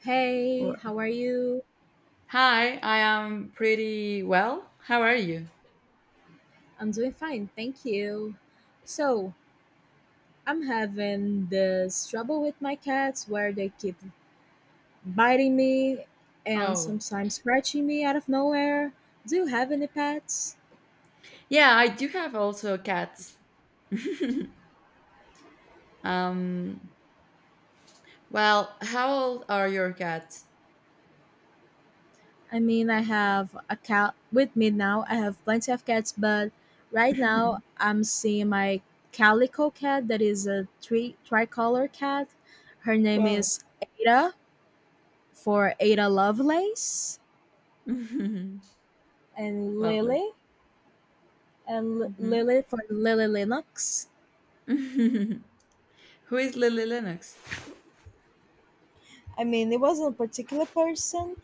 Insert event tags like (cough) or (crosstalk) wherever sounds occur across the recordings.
Hey, Well, how are you? hi, I am pretty well. How are you? I'm doing fine, thank you. So, I'm having this trouble with my cats where they keep biting me and Oh, sometimes scratching me out of nowhere. Do you have any pets? yeah, I do have also cats. (laughs) um, well, how old are your cats? I mean, I have a cat with me now. I have plenty of cats, but right now (laughs) I'm seeing my calico cat that is a tricolor cat. Her name Wow. is Ada for Ada Lovelace (laughs) and Lovely. Lily, and Mhm. Lily from Lily Linux. (laughs) Who is Lily Lennox? I mean, it wasn't a particular person.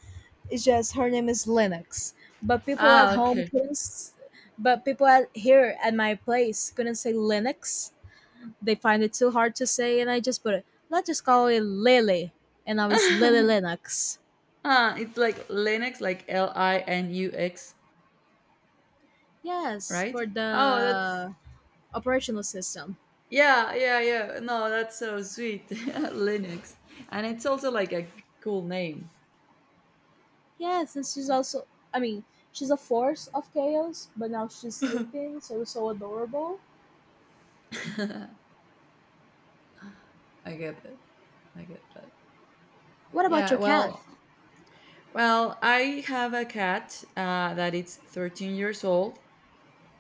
It's just her name is Linux. But people at Ah, home okay. couldn't. But people at here at my place couldn't say Linux. They find it too hard to say, and I just put it. Let's just call it Lily, and now (laughs) it's Lily Ah, Linux. it's like Linux, like Linux, Yes, right? for Oh, that's the operational system. yeah, yeah, yeah. No, that's so sweet. (laughs) Linux, and it's also like a cool name. Yes, and she's also. I mean, she's a force of chaos, but now she's sleeping, so it's so adorable. I get it. I get that. What about Yeah, your cat? Well, I have a cat that is 13 years old.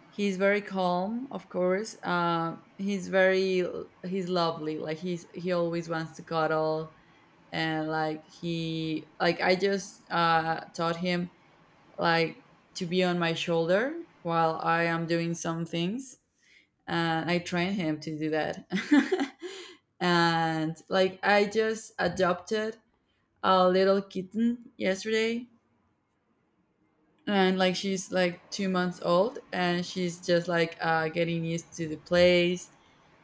He's very calm, of course. He's very, he's lovely. Like he always wants to cuddle, and like he, like I just taught him, like, to be on my shoulder while I am doing some things, and I trained him to do that. (laughs) And like I just adopted a little kitten yesterday, and like she's like 2 months old, and she's just like getting used to the place.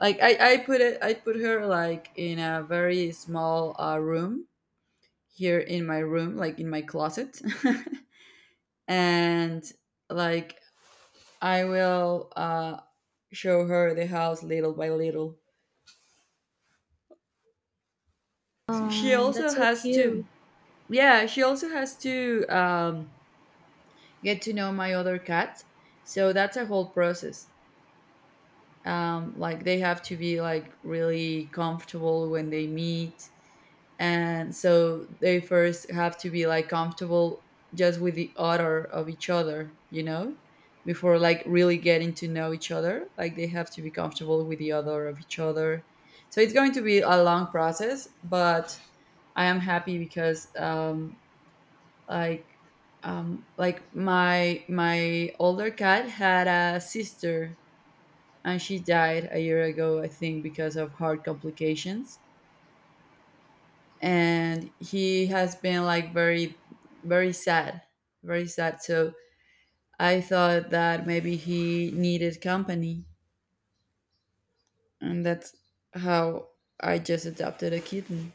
Like I put her like in a very small room here in my room, like in my closet. (laughs) And like I will show her the house little by little. She Oh, also that's so has to cute. Yeah, she also has to get to know my other cat, so that's a whole process. Like, they have to be like really comfortable when they meet, and so they first have to be like comfortable just with the odor of each other before like really getting to know each other. Like, they have to be comfortable with the odor of each other, so it's going to be a long process. But I am happy because like my older cat had a sister, and she died a year ago, I think, because of heart complications. And he has been like very, very sad, very sad. So I thought that maybe he needed company, and that's how I just adopted a kitten.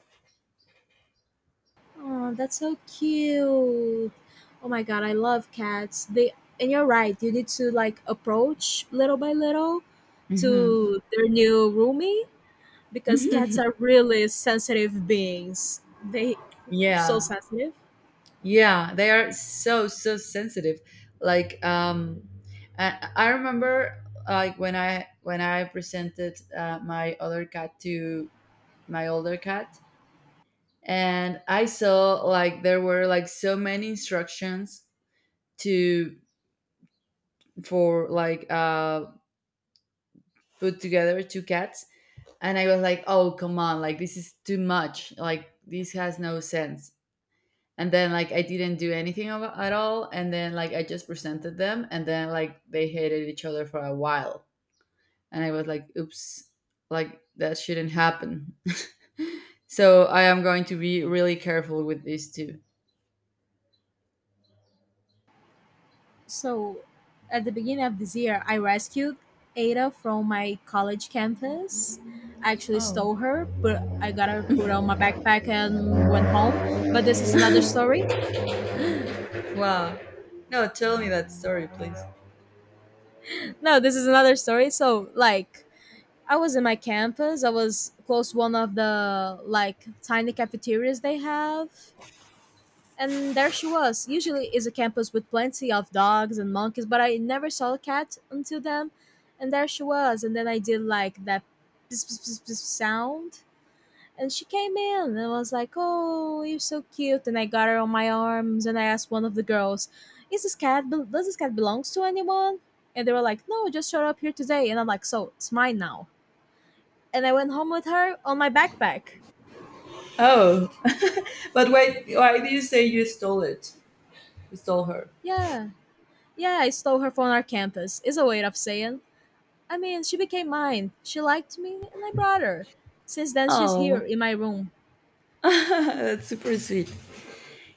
Oh, that's so cute. Oh my god, I love cats. They and you're right. You need to like approach little by little Hmm. to their new roomie because cats (laughs) are really sensitive beings. They so Yeah, sensitive. yeah, they are so, so sensitive. Like, I remember like when I presented my other cat to my older cat, and I saw like there were like so many instructions to for like put together two cats. And I was like, "Oh, come on, like this is too much. Like, this has no sense." And then like I didn't do anything of at all, and then like I just presented them, and then like they hated each other for a while. And I was like, "Oops, like that shouldn't happen." (laughs) So I am going to be really careful with these two. So at the beginning of this year, I rescued Ada from my college campus. I actually Oh. stole her, but I got her put on my backpack and went home. But this is another story. Wow. No, tell me that story, please. No, this is another story. So, like, I was in my campus. I was close to one of the like tiny cafeterias they have, and there she was. Usually, is a campus with plenty of dogs and monkeys, but I never saw a cat until then. And there she was, and then I did like that (tsk) sound, and she came in and was like, "Oh, you're so cute." And I got her on my arms and I asked one of the girls, "Is this cat? Bel- Does this cat belongs to anyone?" And they were like, "No, it just showed up here today." And I'm like, "So it's mine now." And I went home with her on my backpack. Oh, (laughs) but why? Why do you say you stole it? You stole her. Yeah, yeah, I stole her from our campus. Is a way of saying. I mean, she became mine. She liked me, and I brought her. Since then, she's here Oh, in my room. (laughs) that's super sweet.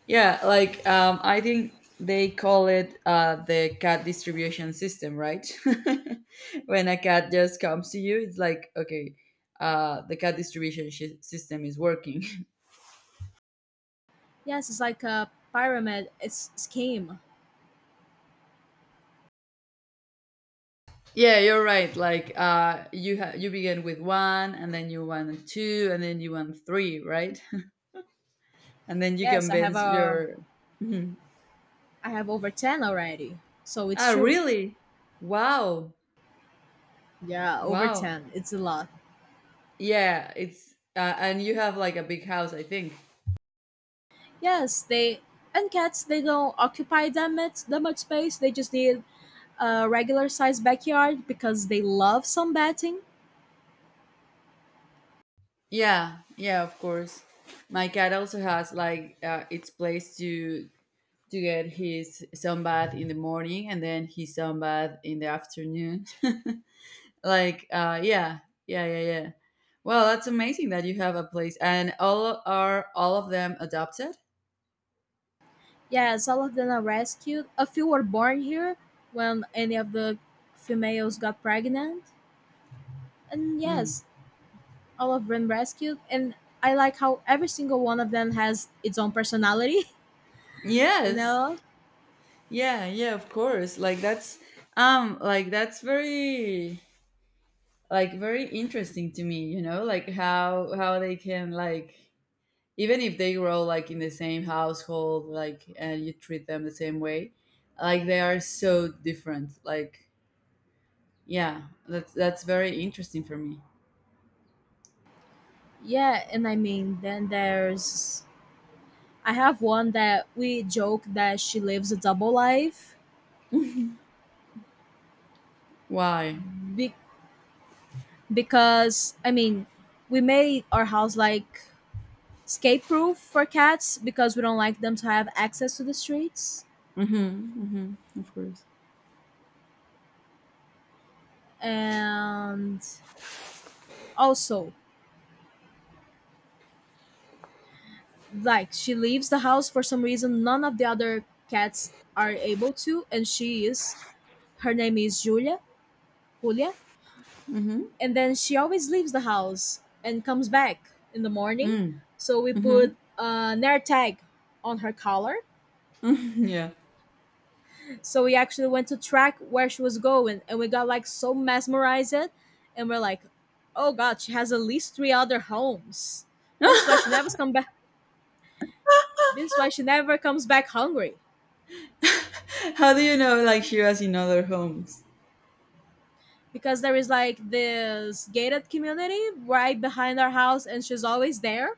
Yeah, like, I think they call it the cat distribution system, right? (laughs) When a cat just comes to you, it's like, okay, the cat distribution shi system is working. Yes, it's like a pyramid. It's scheme. (laughs) Yeah, you're right. Like, you you begin with one, and then you want two, and then you want three, right? And then you Yes, I have convince a your (laughs) mhm. I have over 10 already. So Ah, it's true. really. Wow, Yeah, over wow. 10. It's a lot. Yeah, it's and you have like a big house, I think. Yes, they and cats they don't occupy that much space. They just need a regular sized backyard because they love sunbathing. Yeah, yeah, of course. My cat also has like, its place to get his sunbath in the morning, and then his sunbath in the afternoon. (laughs) Like, yeah, yeah, yeah, yeah. Well, that's amazing that you have a place, and all of them adopted. Yes, all of them are rescued. A few were born here when any of the females got pregnant. And Hmm. yes, all of them rescued and I like how every single one of them has its own personality, (laughs) you Yes. know? Yeah, yeah, of course. Like, that's like that's very, like, very interesting to me, you know, like how they can, like, even if they grow like in the same household, like, and you treat them the same way, like, they are so different. Like, yeah, that's very interesting for me. Yeah, and I mean, then there's I have one that we joke that she lives a double life Why? be- because I mean, we made our house like escape proof for cats because we don't like them to have access to the streets. Mhm. Mhm. Of course. And also, like she leaves the house for some reason none of the other cats are able to and she is her name is Julia, Julia, Mhm. and then she always leaves the house and comes back in the morning. Mm. So we put Mhm. a Nair tag on her collar. Mhm, yeah. So we actually went to track where she was going, and we got like so mesmerized, and we're like, "Oh God, she has at least three other homes. This is why she never comes back. This is why she never comes back hungry." (laughs) How do you know like she was in other homes? Because there is like this gated community right behind our house, and she's always there.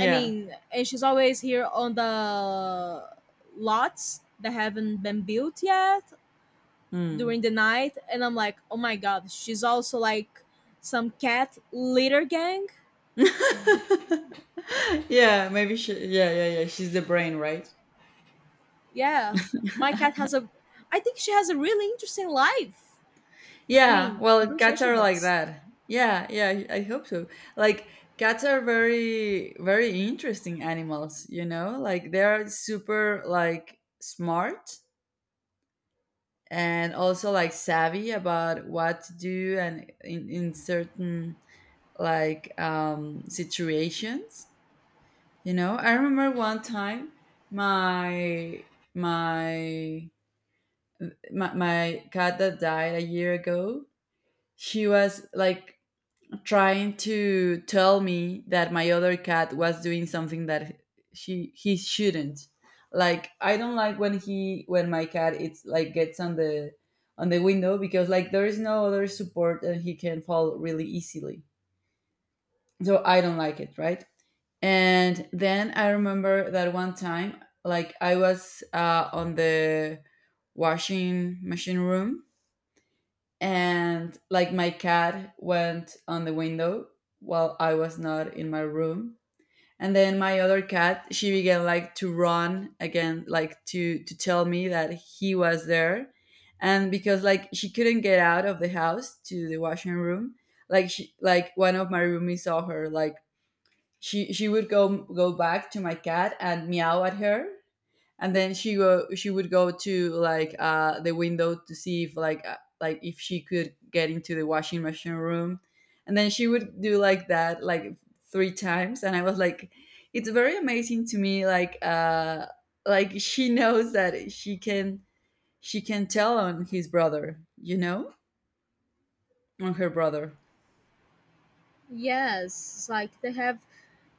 I mean, and she's always here on the lots that haven't been built yet Mm. during the night. And I'm like, oh my god, she's also like some cat litter gang. (laughs) Yeah, maybe she. Yeah, yeah, yeah. She's the brain, right? Yeah, my cat has a. I think she has a really interesting life. I Yeah. mean, I'm Well, pretty sure cats she are like does. that. Yeah, yeah. I hope so. Like, cats are very, very interesting animals. You know, like they are super like smart, and also like savvy about what to do and in, certain, like, situations. You know, I remember one time my my my cat that died a year ago, she was like trying to tell me that my other cat was doing something that she he shouldn't. Like, I don't like when he when my cat, it's like, gets on the window, because like there is no other support, and he can fall really easily. So I don't like it, right? And then I remember that one time, like I was, on the washing machine room, and like my cat went on the window while I was not in my room. And then my other cat, she began like to run again, like to tell me that he was there. And because like she couldn't get out of the house to the washing room, like she, like, one of my roomies saw her, like she would go back to my cat and meow at her, and then she would go to, like, the window to see if, like, like if she could get into the washing machine room. And then she would do like that, like, three times. And I was like, it's very amazing to me, like, like, she knows that she can tell on his brother, you know, on her brother. Yes, like they have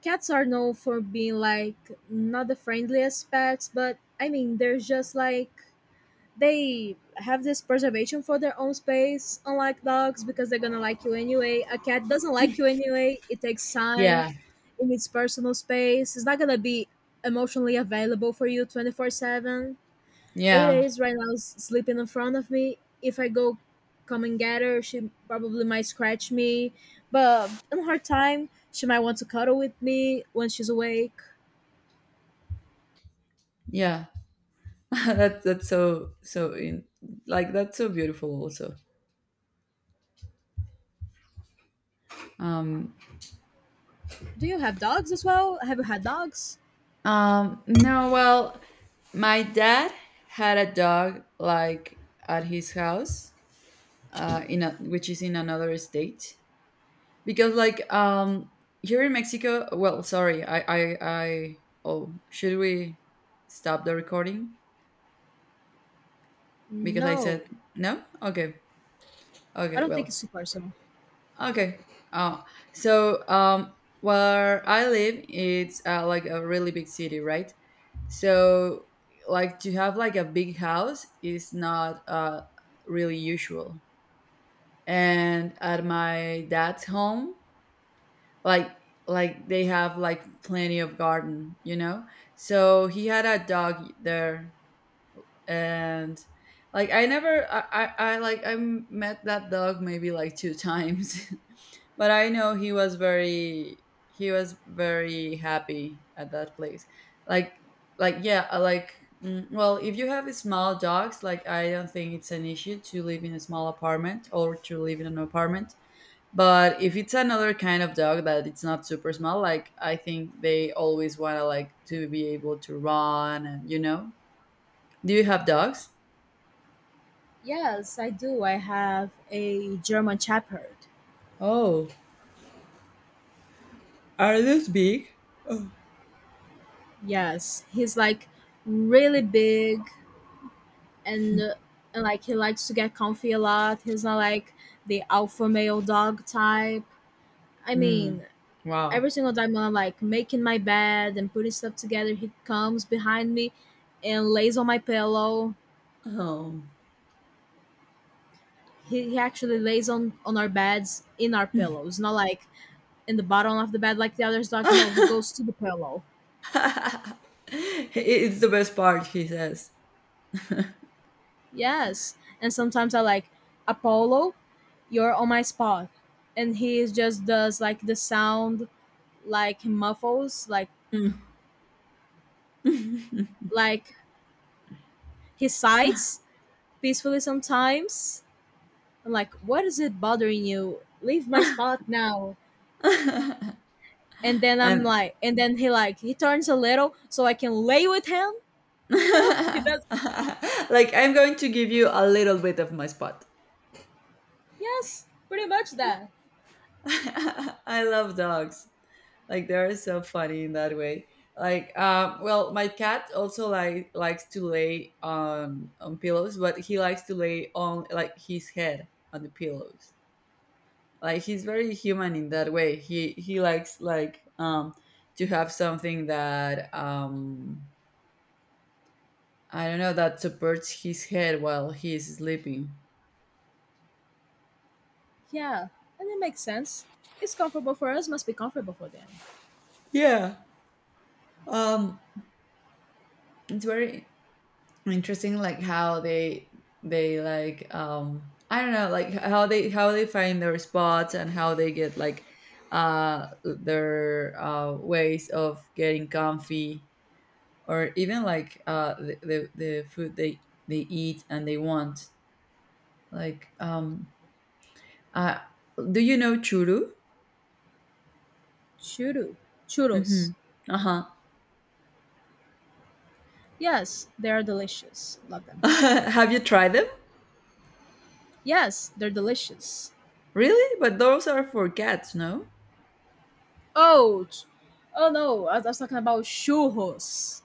cats are known for being like not the friendliest pets, but I mean, they're just like they have this preservation for their own space unlike dogs because they're gonna like you anyway, a cat doesn't like you anyway, it takes time, Yeah, it needs personal space. It's not gonna be emotionally available for you 24/7. Ada yeah, is right now sleeping in front of me. If I go come and get her, she probably might scratch me, but in her time she might want to cuddle with me when she's awake. yeah. (laughs) That's so, so in, like, that's so beautiful also. um Do you have dogs as well? Have you had dogs? No, well, my dad had a dog, like, at his house, which is in another state, because like, here in Mexico. Well, sorry, I. Oh, should we stop the recording? Because I said No, no. Okay, I okay, don't think well, it's too personal. It's okay. okay. Uh, so, where I live, it's, like, a really big city, right? So, like, to have like a big house is not, really usual. And at my dad's home, like they have like plenty of garden, you know. So he had a dog there, and like I never, I like I met that dog maybe like two times. (laughs) But I know he was very happy at that place. Like, yeah, I like. Well, if you have small dogs, like, I don't think it's an issue to live in a small apartment, or to live in an apartment. But if it's another kind of dog that it's not super small, like, I think they always want to, like, to be able to run, and do you have dogs? Yes, I do. I have a German Shepherd. Oh, are those big? Yes, he's like really big, and, uh, and like he likes to get comfy a lot. He's not like the alpha male dog type. I Hmm. mean, every Wow. single time I'm like making my bed and putting stuff together, he comes behind me and lays on my pillow. Oh. He actually lays on our beds in our pillows, not like in the bottom of the bed like the other dog. No, he (laughs) goes to the pillow. (laughs) It's the best part, he says. Yes. And sometimes I like, Apollo, you're on my spot. And he is just does like the sound like muffles, like he sighs peacefully sometimes. I'm like, what is it bothering you? Leave my spot now. And then I'm And like and then he like he turns a little so I can lay with him, (laughs) you know? (laughs) He does like, I'm going to give you a little bit of my spot. yes, pretty much that. (laughs) I love dogs. Like, they're so funny in that way. Like, well, my cat also, like, likes to lay on pillows, but he likes to lay on, like, his head on the pillows. Like, he's very human in that way. He likes, like, to have something that I don't know, that supports his head while he's sleeping. Yeah. And it makes sense. It's comfortable for us, must be comfortable for them. Yeah. Um, it's very interesting, like, how they like, I don't know, like how they find their spots, and how they get, like, their ways of getting comfy, or even like, the food they eat and they want. Like, uh do you know churu? Churu. Churros. Mhm. Uh-huh. Yes, they're delicious. Love (laughs) them. Have you tried them? Yes, they're delicious. Really? But those are for cats, no? Oh, ch- oh no, I was talking about churros.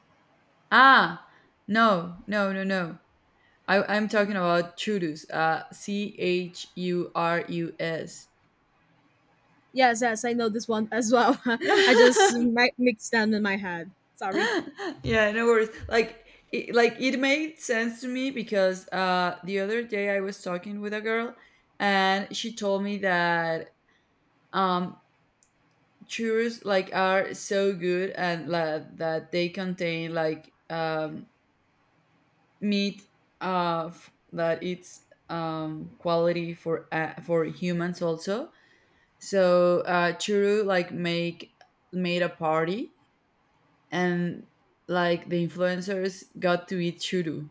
Ah, no, no, no, no. I'm talking about churus. Churus. Yes, yes, I know this one as well. (laughs) I just (laughs) mixed them in my head. Sorry. Yeah, no worries. Like, like, it made sense to me because, the other day I was talking with a girl, and she told me that, um, churros, like, are so good, and like, that they contain like, meat, that it's, quality for, for humans also. So, churu like make made a party, and like the influencers got to eat churu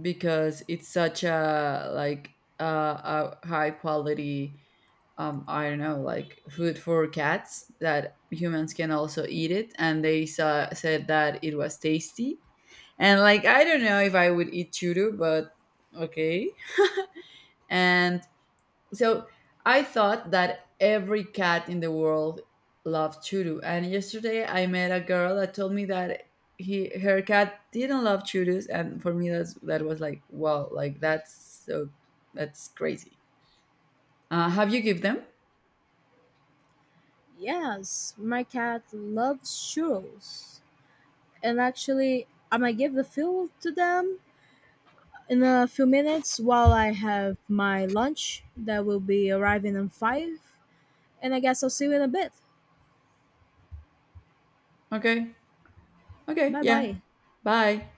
because it's such a, like, a high quality, I don't know, like, food for cats that humans can also eat it. And they said that it was tasty. And like, I don't know if I would eat churu, but okay. And so I thought that every cat in the world loved churu. And yesterday I met a girl that told me that he her cat didn't love churus, and for me that's that was like, wow, like, that's so, that's crazy. Have you give them? Yes, my cat loves churros. And actually, I am gonna give the fuel to them in a few minutes while I have my lunch that will be arriving in five. And I guess I'll see you in a bit. Okay, okay, Bye yeah. bye. Bye.